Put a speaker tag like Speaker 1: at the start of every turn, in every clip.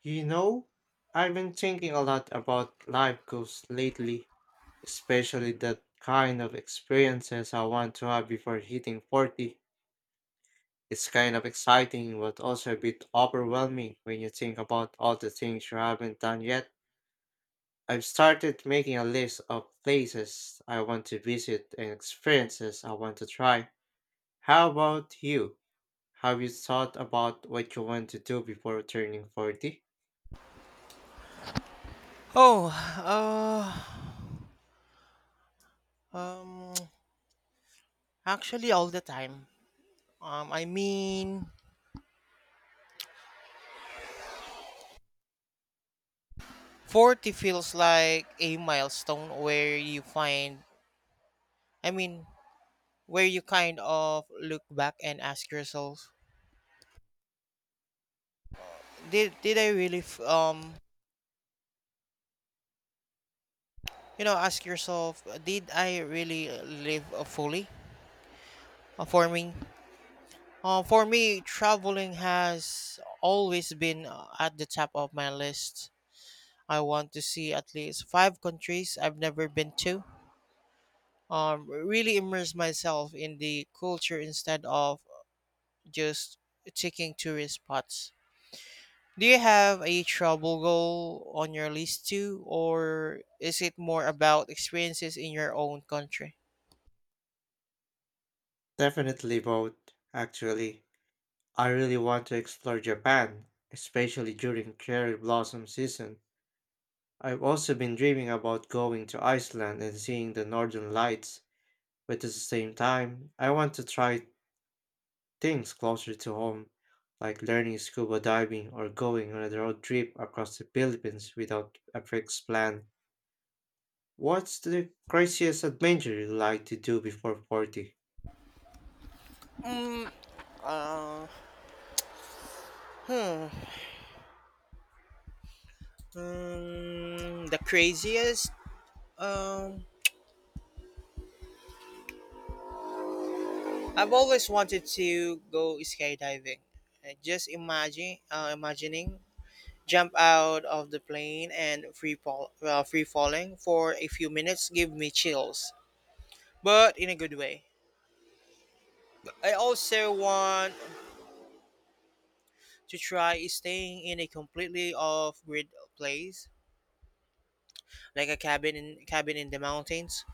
Speaker 1: You know, I've been thinking a lot about life goals lately, especially the kind of experiences I want to have before hitting 40. It's kind of exciting, but also a bit overwhelming when you think about all the things you haven't done yet. I've started making a list of places I want to visit and experiences I want to try. How about you? Have you thought about what you want to do before turning 40?
Speaker 2: Oh, uh, um, Actually, all the time. Um, I mean, 40 feels like a milestone where you find, I mean, where you kind of look back and ask yourself, did I really ask yourself, did I really live fully. uh, for me for me, traveling has always been at the top of my list. I want to see at least five countries I've never been to, really immerse myself in the culture instead of just taking tourist spots. Do you have a travel goal on your list too, or is it more about experiences in your own country?
Speaker 1: Definitely both, actually. I really want to explore Japan, especially during cherry blossom season. I've also been dreaming about going to Iceland and seeing the northern lights. But at the same time, I want to try things closer to home, like learning scuba diving or going on a road trip across the Philippines without a fixed plan. What's the craziest adventure you'd like to do before 40?
Speaker 2: Uh, hmm. Hmm, the craziest. Um, I've always wanted to go skydiving. Just imagining jump out of the plane and free free falling for a few minutes give me chills, but in a good way. I also want to try staying in a completely off-grid place, like a cabin in the mountains.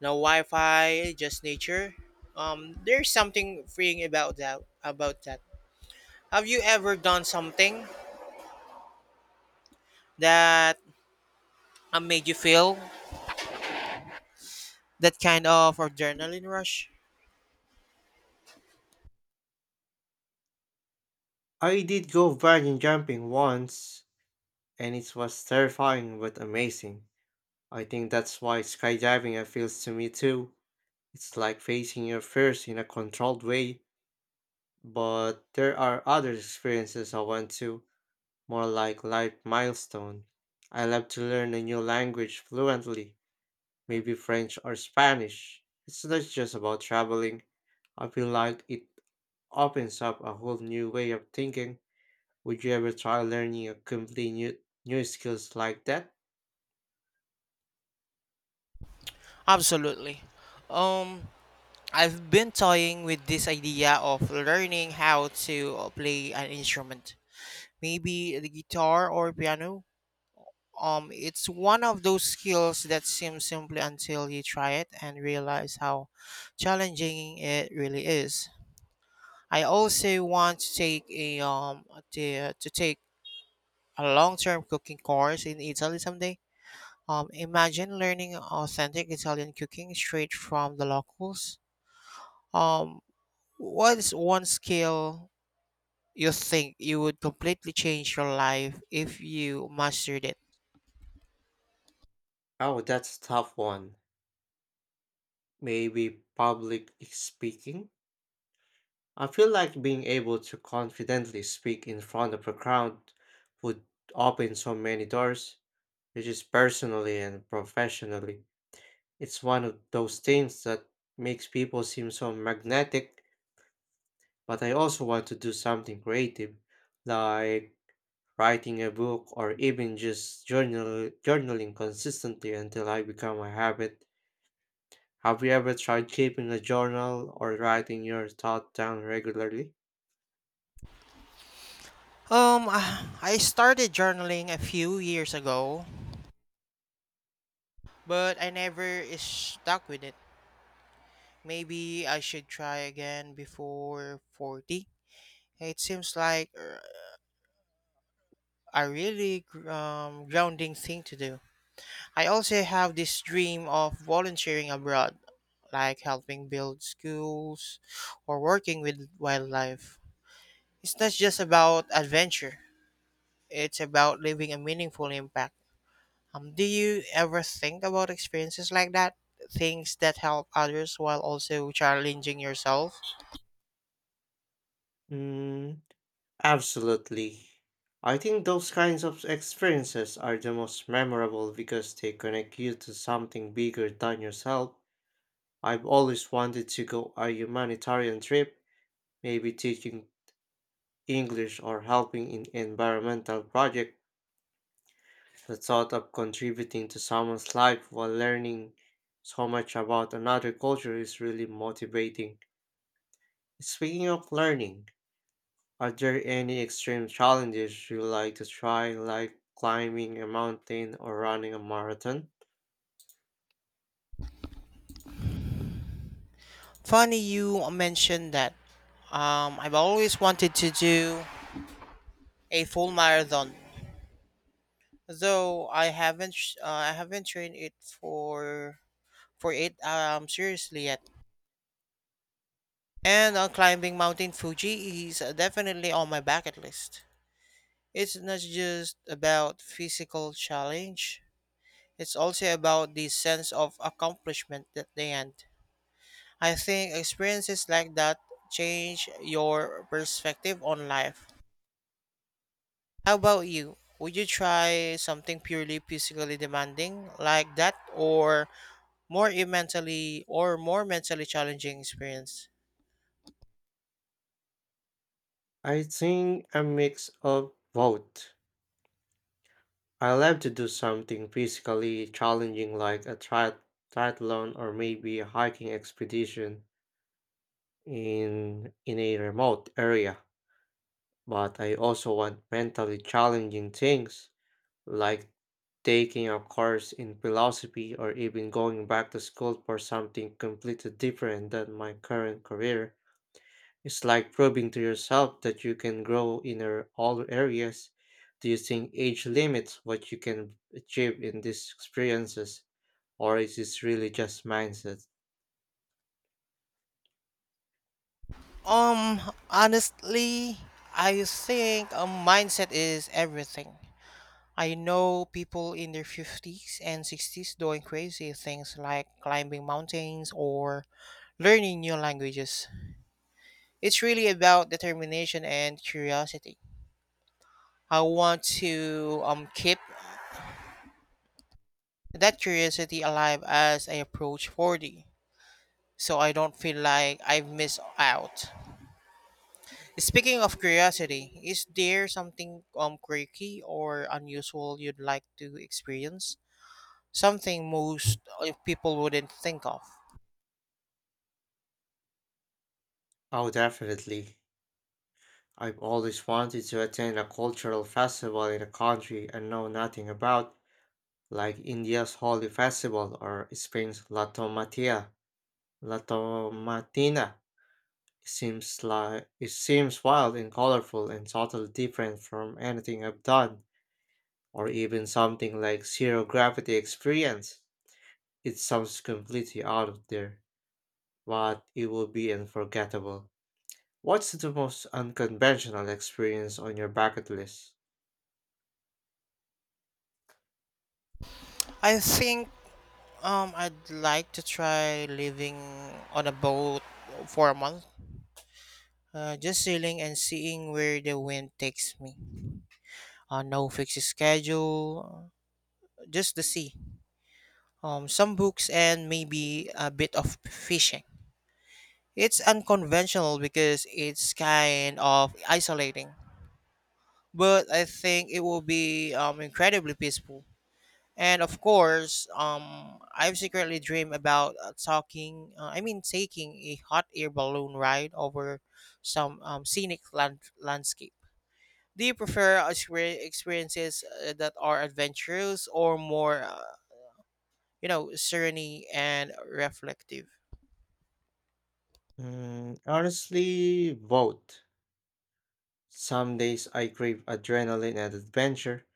Speaker 2: No Wi-Fi, just nature. There's something freeing about that. Have you ever done something that made you feel that kind of adrenaline rush?
Speaker 1: I did go bungee jumping once, and it was terrifying but amazing. I think that's why skydiving appeals to me too. It's like facing your fears in a controlled way, but there are other experiences I want to more like light milestone. I love to learn a new language fluently, maybe French or Spanish. It's not just about traveling. I feel like it opens up a whole new way of thinking. Would you ever try learning a completely new skills like that?
Speaker 2: Absolutely. Um, I've been toying with this idea of learning how to play an instrument, maybe the guitar or piano. It's one of those skills that seems simple until you try it and realize how challenging it really is. I also want to take a long-term cooking course in Italy someday. Imagine learning authentic Italian cooking straight from the locals. Um, what is one skill you think you would completely change your life if you mastered it?
Speaker 1: Oh, that's a tough one. Maybe public speaking? I feel like being able to confidently speak in front of a crowd would open so many doors, which is personally and professionally. It's one of those things that makes people seem so magnetic, but I also want to do something creative, like writing a book or even just journaling consistently until I become a habit. Have you ever tried keeping a journal or writing your thoughts down regularly?
Speaker 2: Um, I started journaling a few years ago, but I never stuck with it. Maybe I should try again before 40. It seems like a really grounding thing to do. I also have this dream of volunteering abroad, like helping build schools or working with wildlife. It's not just about adventure, it's about leaving a meaningful impact. Do you ever think about experiences like that? Things that help others while also challenging yourself?
Speaker 1: Mm, absolutely. I think those kinds of experiences are the most memorable because they connect you to something bigger than yourself. I've always wanted to go a humanitarian trip, maybe teaching English or helping in environmental project. The thought of contributing to someone's life while learning so much about another culture is really motivating. Speaking of learning, are there any extreme challenges you like to try, like climbing a mountain or running a marathon?
Speaker 2: Funny you mentioned that. I've always wanted to do a full marathon, though I haven't sh- I haven't trained it for it seriously yet. And climbing Mountain Fuji is definitely on my bucket list. It's not just about physical challenge. It's also about the sense of accomplishment at the end. I think experiences like that change your perspective on life. How about you? Would you try something purely physically demanding like that, or more mentally challenging experience?
Speaker 1: I think a mix of both. I love to do something physically challenging, like a triathlon or maybe a hiking expedition in a remote area. But I also want mentally challenging things like taking a course in philosophy or even going back to school for something completely different than my current career. It's like proving to yourself that you can grow in all areas. Do you think age limits what you can achieve in these experiences, or is this really just mindset?
Speaker 2: Um, Honestly, I think a mindset is everything. I know people in their 50s and 60s doing crazy things like climbing mountains or learning new languages. It's really about determination and curiosity. I want to keep that curiosity alive as I approach 40, so I don't feel like I've missed out. Speaking of curiosity, is there something quirky or unusual you'd like to experience? Something most people wouldn't think of.
Speaker 1: Oh, definitely. I've always wanted to attend a cultural festival in a country I know nothing about, like India's holy Festival or Spain's La Tomatia. La Tomatina seems like it seems wild and colorful and totally different from anything I've done, or even something like Zero Gravity Experience. It sounds completely out of there, but it will be unforgettable. What's the most unconventional experience on your bucket list?
Speaker 2: I think I'd like to try living on a boat for a month. Just sailing and seeing where the wind takes me. No fixed schedule, just the sea, some books, and maybe a bit of fishing. It's unconventional because it's kind of isolating, but I think it will be incredibly peaceful. And of course, I've secretly dreamed about taking a hot air balloon ride over some scenic landscape. Do you prefer experiences that are adventurous or more, serene and reflective?
Speaker 1: Mm, honestly, both. Some days I crave adrenaline and adventure,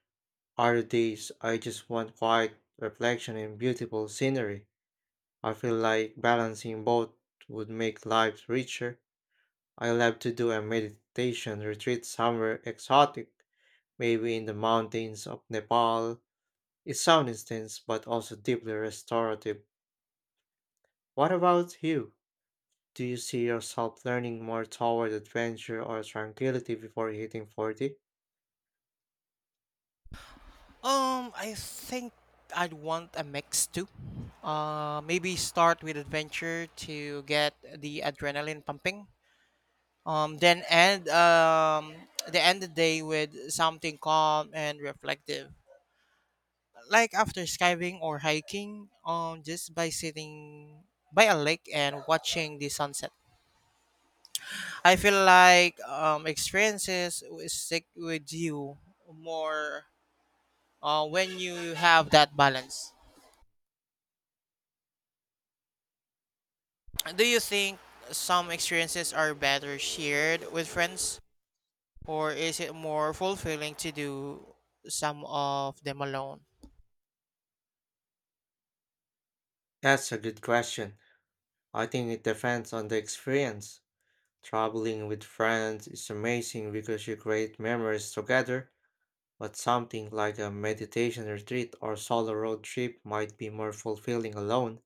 Speaker 1: other days I just want quiet reflection and beautiful scenery. I feel like balancing both would make life richer. I love to do a meditation retreat somewhere exotic, maybe in the mountains of Nepal. It sounds intense but also deeply restorative. What about you? Do you see yourself learning more toward adventure or tranquility before hitting 40?
Speaker 2: I think I'd want a mix too. Maybe start with adventure to get the adrenaline pumping. Then end the day with something calm and reflective, like after skiving or hiking. Just by sitting by a lake and watching the sunset. I feel like experiences will stick with you more when you have that balance. Do you think some experiences are better shared with friends, or is it more fulfilling to do some of them alone?
Speaker 1: That's a good question. I think it depends on the experience. Traveling with friends is amazing because you create memories together, but something like a meditation retreat or solo road trip might be more fulfilling alone.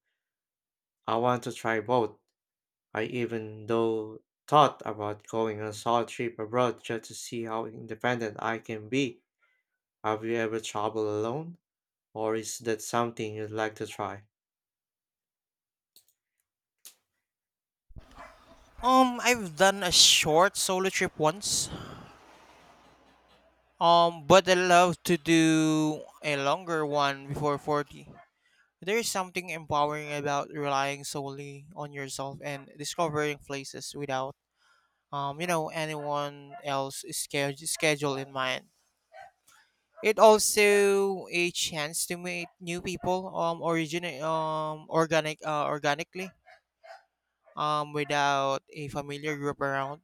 Speaker 1: I want to try both. I even though thought about going on a solo trip abroad just to see how independent I can be. Have you ever traveled alone? Or is that something you'd like to try?
Speaker 2: I've done a short solo trip once. But I love to do a longer one before 40. There is something empowering about relying solely on yourself and discovering places without anyone else schedule in mind. It also a chance to meet new people, organically, without a familiar group around.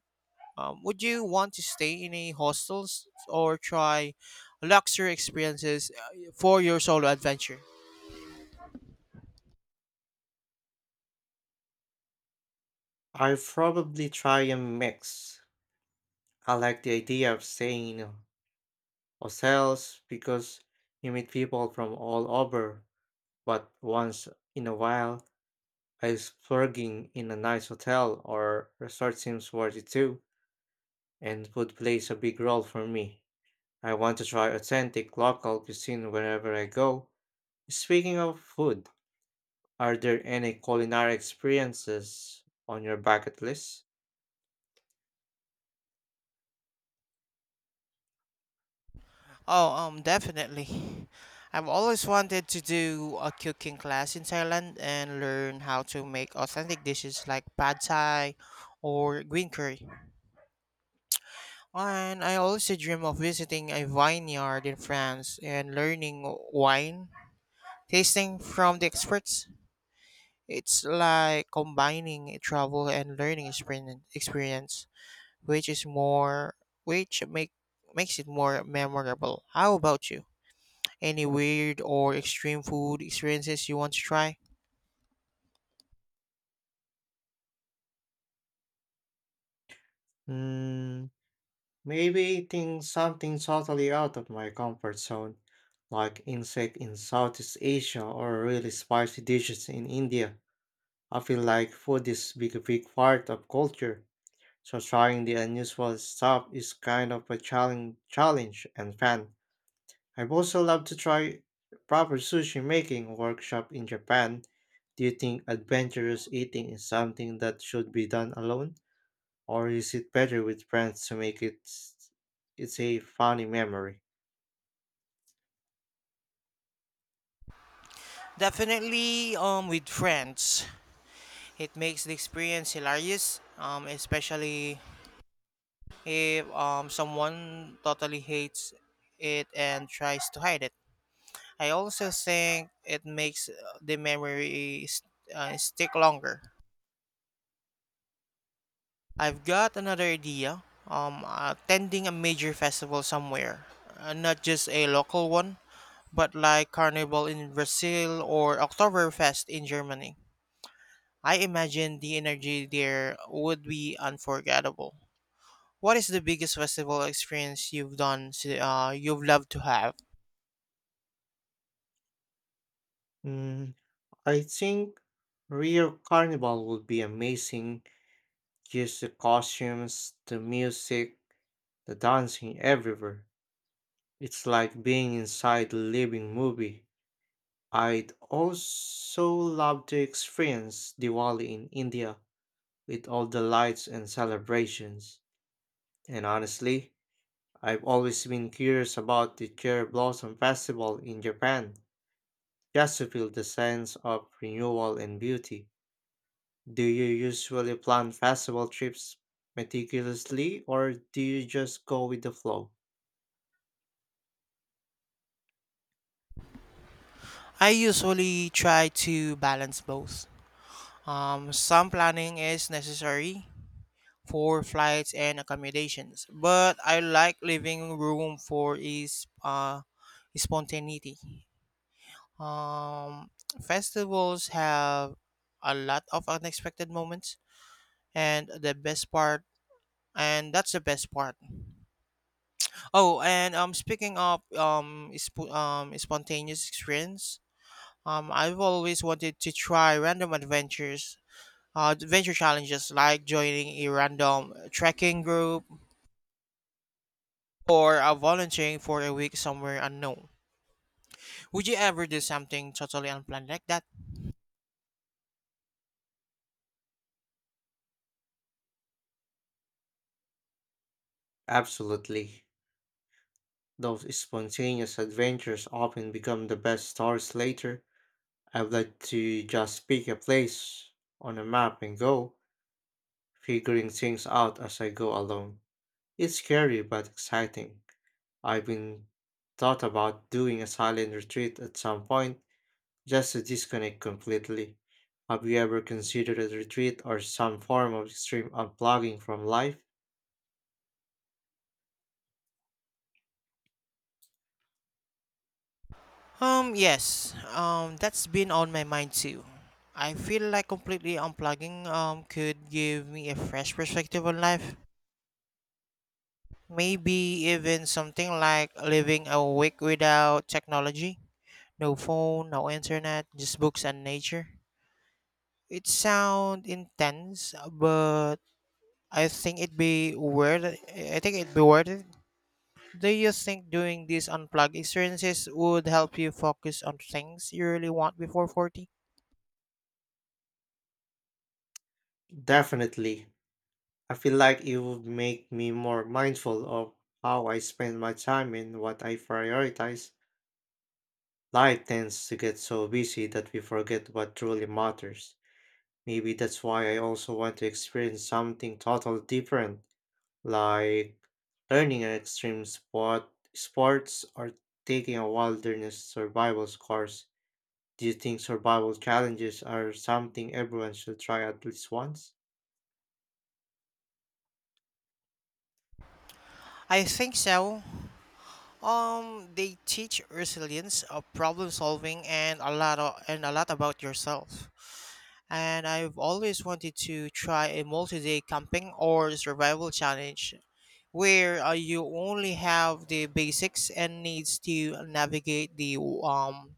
Speaker 2: Would you want to stay in a hostels or try luxury experiences for your solo adventure?
Speaker 1: I probably try a mix. I like the idea of staying in a ourselves because you meet people from all over, but once in a while, a splurging in a nice hotel or resort seems worth it too, and food plays a big role for me. I want to try authentic local cuisine wherever I go. Speaking of food, are there any culinary experiences on your bucket list?
Speaker 2: Oh, Definitely. I've always wanted to do a cooking class in Thailand and learn how to make authentic dishes like pad thai or green curry. And I also dream of visiting a vineyard in France and learning wine tasting from the experts. It's like combining a travel and learning experience, which is more which make makes it more memorable. How about you? Any weird or extreme food experiences you want to try?
Speaker 1: Hmm. Maybe eating something totally out of my comfort zone, like insect in Southeast Asia or really spicy dishes in India. I feel like a big part of culture, so trying the unusual stuff is kind of a challenge and fun. I've also loved to try proper sushi making workshop in Japan. Do you think adventurous eating is something that should be done alone? Or is it better with friends to make it it's a funny memory?
Speaker 2: Definitely with friends. It makes the experience hilarious, especially if someone totally hates it and tries to hide it. I also think it makes the memory stick longer. I've got another idea. Attending a major festival somewhere, not just a local one, but like Carnival in Brazil or Oktoberfest in Germany. I imagine the energy there would be unforgettable. What is the biggest festival experience you've done? You've loved to have.
Speaker 1: Mm, I think Rio Carnival would be amazing. Just the costumes, the music, the dancing everywhere. It's like being inside a living movie. I'd also love to experience Diwali in India with all the lights and celebrations. And honestly, I've always been curious about the cherry blossom festival in Japan, just to feel the sense of renewal and beauty. Do you usually plan festival trips meticulously or do you just go with the flow?
Speaker 2: I usually try to balance both. Some planning is necessary for flights and accommodations, but I like leaving room for is spontaneity. Um, Festivals have a lot of unexpected moments, and that's the best part. Oh, and speaking of spontaneous experience, I've always wanted to try adventure challenges like joining a random trekking group or volunteering for a week somewhere unknown. Would you ever do something totally unplanned like that?
Speaker 1: Absolutely. Those spontaneous adventures often become the best stories later. I'd like to just pick a place on a map and go, figuring things out as I go along. It's scary but exciting. I've been thought about doing a silent retreat at some point, just to disconnect completely. Have you ever considered a retreat or some form of extreme unplugging from life?
Speaker 2: Yes. That's been on my mind too. I feel like completely unplugging could give me a fresh perspective on life. Maybe even something like living a week without technology, no phone, no internet, just books and nature. It sounds intense, but I think it'd be worth it. Do you think doing these unplugged experiences would help you focus on things you really want before 40?
Speaker 1: Definitely. I feel like it would make me more mindful of how I spend my time and what I prioritize. Life tends to get so busy that we forget what truly matters. Maybe that's why I also want to experience something totally different, like learning an extreme sports or taking a wilderness survival course. Do you think survival challenges are something everyone should try at least once?
Speaker 2: I think so. They teach resilience, problem solving, and a lot about yourself. And I've always wanted to try a multi-day camping or survival challenge, where you only have the basics and needs to navigate the um,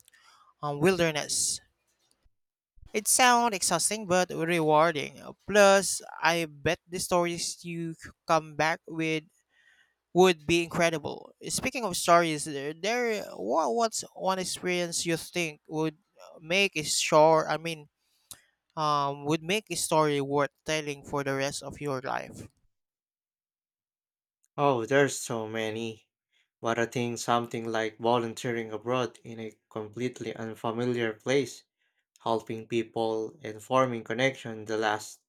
Speaker 2: um wilderness. It sounds exhausting but rewarding. Plus, I bet the stories you come back with would be incredible. Speaking of stories, what's one experience you think would make a short, I mean, would make a story worth telling for the rest of your life?
Speaker 1: Oh, there's so many. But I think something like volunteering abroad in a completely unfamiliar place, helping people and forming connection the last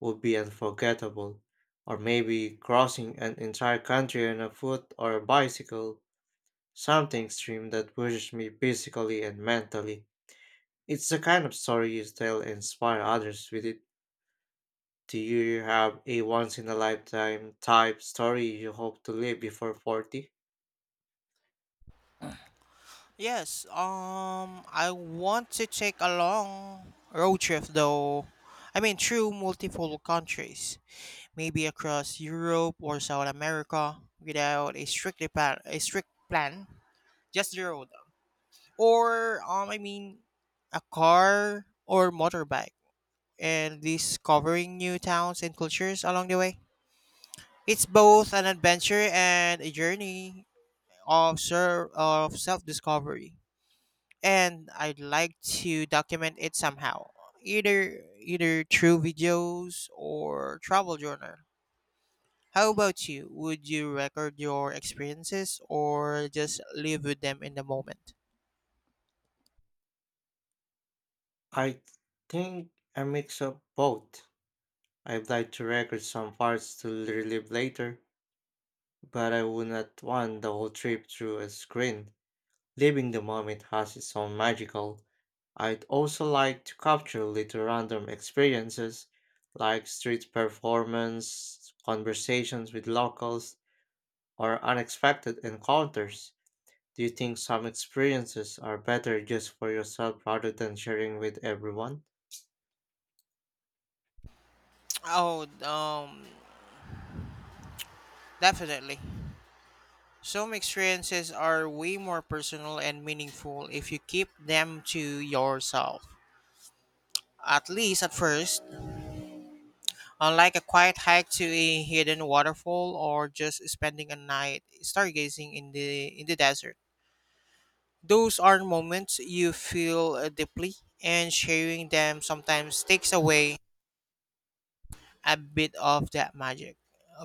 Speaker 1: would be unforgettable. Or maybe crossing an entire country on a foot or a bicycle, something extreme that pushes me physically and mentally. It's the kind of story you tell and inspire others with it. Do you have a once in a lifetime type story you hope to live before 40?
Speaker 2: Yes, I want to take a long road trip though. I mean, through multiple countries, maybe across Europe or South America without a strict plan, just the road. Or a car or motorbike, and discovering new towns and cultures along the way. It's both an adventure and a journey of of self discovery, and I'd like to document it somehow, either through videos or travel journal. How about you? Would you record your experiences or just live with them in the moment?
Speaker 1: I think a mix of both. I'd like to record some parts to relive later, but I would not want the whole trip through a screen. Living the moment has its own magical. I'd also like to capture little random experiences like street performance, conversations with locals, or unexpected encounters. Do you think some experiences are better just for yourself rather than sharing with everyone?
Speaker 2: Oh, um, Definitely. Some experiences are way more personal and meaningful if you keep them to yourself. At least at first, unlike a quiet hike to a hidden waterfall or just spending a night stargazing in the desert. Those are moments you feel deeply, and sharing them sometimes takes away a bit of that magic.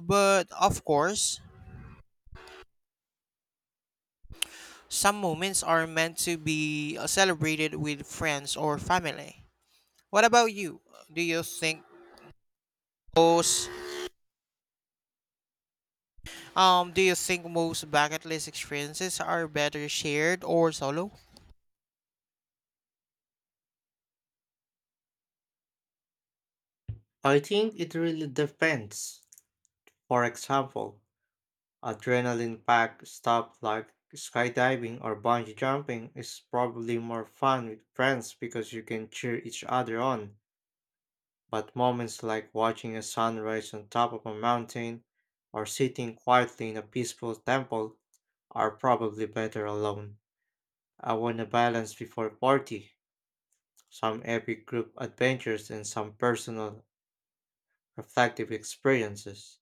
Speaker 2: But of course, some moments are meant to be celebrated with friends or family. What about you? Do you think most most bucket list experiences are better shared or solo?
Speaker 1: I think it really depends. For example, adrenaline packed stuff like skydiving or bungee jumping is probably more fun with friends because you can cheer each other on. But moments like watching a sunrise on top of a mountain or sitting quietly in a peaceful temple are probably better alone. I want a balance before party, some epic group adventures and some personal reflective experiences.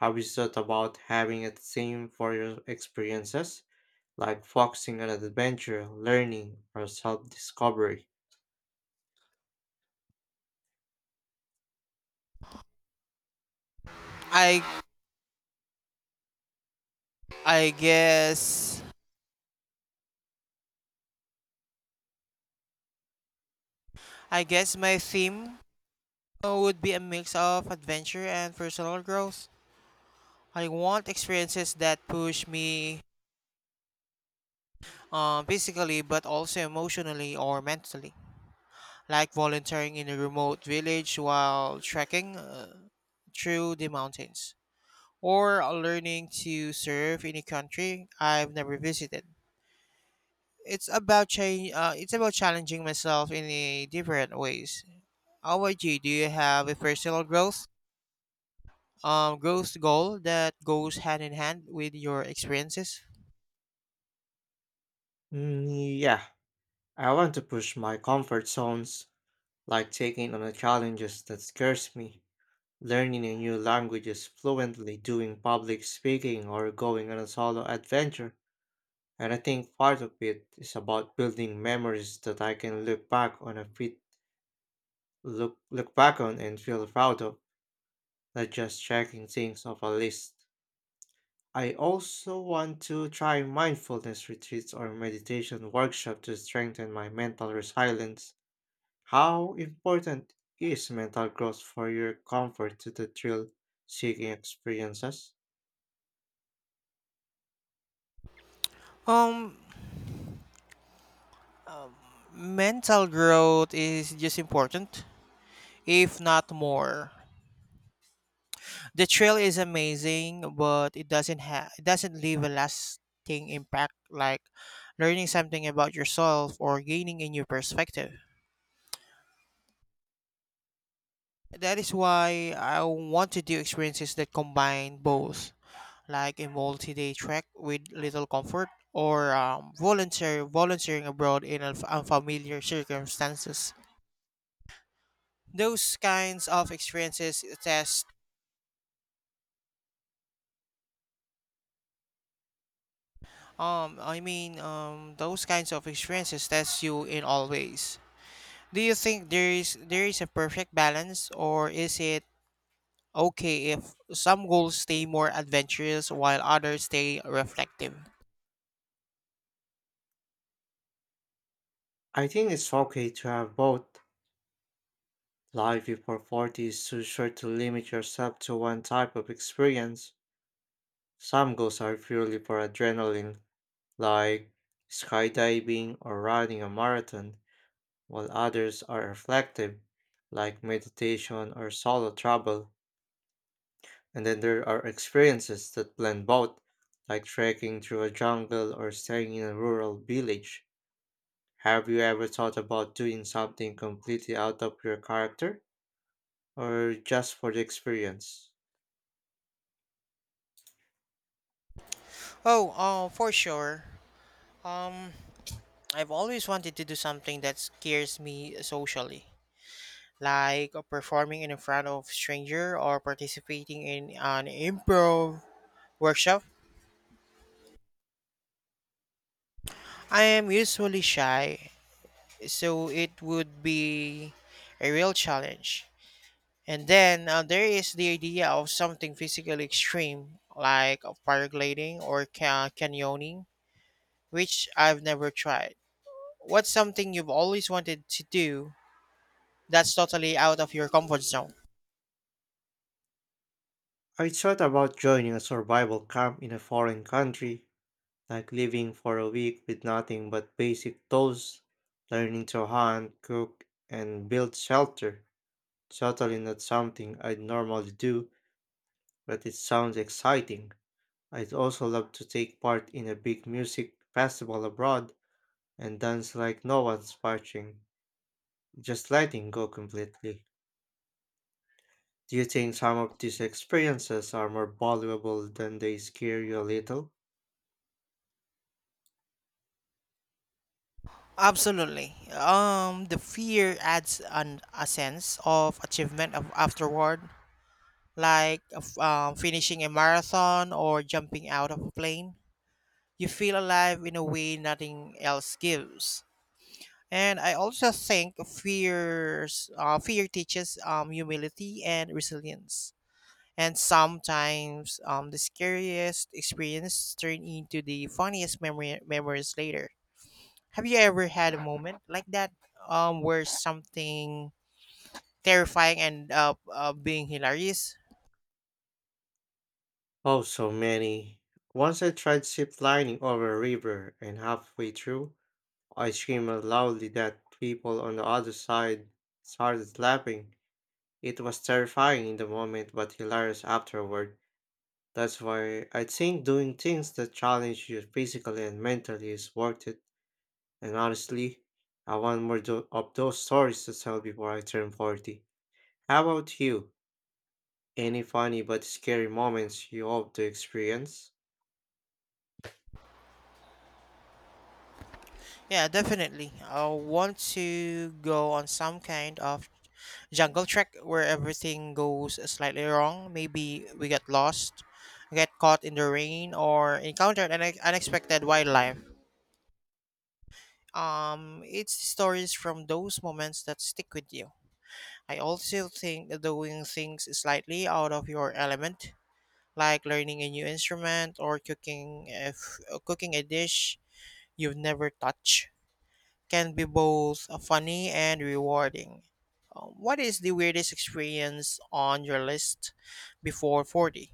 Speaker 1: Have you thought about having a theme for your experiences? Like focusing on adventure, learning, or self discovery.
Speaker 2: I I guess I guess my theme would be a mix of adventure and personal growth. I want experiences that push me physically but also emotionally or mentally, like volunteering in a remote village while trekking through the mountains, or learning to serve in a country I've never visited. It's about change. It's about challenging myself in a different ways. How about you? Do you have a personal growth goal that goes hand in hand with your experiences?
Speaker 1: Mm, yeah, I want to push my comfort zones, like taking on the challenges that scares me, learning a new languages fluently, doing public speaking, or going on a solo adventure. And I think part of it is about building memories that I can look back on and feel proud of, not just checking things off a list. I also want to try mindfulness retreats or meditation workshop to strengthen my mental resilience. How important is mental growth for your comfort to the thrill seeking experiences?
Speaker 2: Um, um Mental growth is just important, if not more. The trail is amazing, but it doesn't leave a lasting impact like learning something about yourself or gaining a new perspective. That is why I want to do experiences that combine both, like a multi-day trek with little comfort or volunteering abroad in unfamiliar circumstances. Those kinds of experiences test I mean those kinds of experiences test you in all ways. Do you think there is a perfect balance, or is it okay if some goals stay more adventurous while others stay reflective?
Speaker 1: I think it's okay to have both. Life before 40 is too short to limit yourself to one type of experience. Some goals are purely for adrenaline, like skydiving or running a marathon while others are reflective, like meditation or solo travel. And then there are experiences that blend both, like trekking through a jungle or staying in a rural village. Have you ever thought about doing something completely out of your character or just for the experience?
Speaker 2: Oh, for sure. Um, I've always wanted to do something that scares me socially, like performing in front of stranger or participating in an improv workshop. I am usually shy, so it would be a real challenge. And then there is the idea of something physically extreme, like of paragliding or canyoning, which I've never tried. What's something you've always wanted to do that's totally out of your comfort zone?
Speaker 1: I thought about joining a survival camp in a foreign country, like living for a week with nothing but basic tools, learning to hunt, cook, and build shelter. Totally not something I'd normally do, but it sounds exciting. I'd also love to take part in a big music festival abroad and dance like no one's watching, just letting go completely. Do you think some of these experiences are more valuable than they scare you a little?
Speaker 2: Absolutely. The fear adds a sense of achievement of afterward, like of, finishing a marathon or jumping out of a plane. You feel alive in a way nothing else gives. And I also think fear teaches humility and resilience. And sometimes the scariest experience turn into the funniest memories later. Have you ever had a moment like that where something terrifying ended up being hilarious?
Speaker 1: Oh, so many. Once I tried zip lining over a river, and halfway through, I screamed out loudly that people on the other side started laughing. It was terrifying in the moment, but hilarious afterward. That's why I think doing things that challenge you physically and mentally is worth it. And honestly, I want more of those stories to tell before I turn 40. How about you? Any funny but scary moments you hope to experience?
Speaker 2: Yeah, definitely. I want to go on some kind of jungle trek where everything goes slightly wrong. Maybe we get lost, get caught in the rain, or encounter an unexpected wildlife. It's stories from those moments that stick with you. I also think that doing things slightly out of your element, like learning a new instrument or cooking a dish you've never touched can be both funny and rewarding. What is the weirdest experience on your list before 40?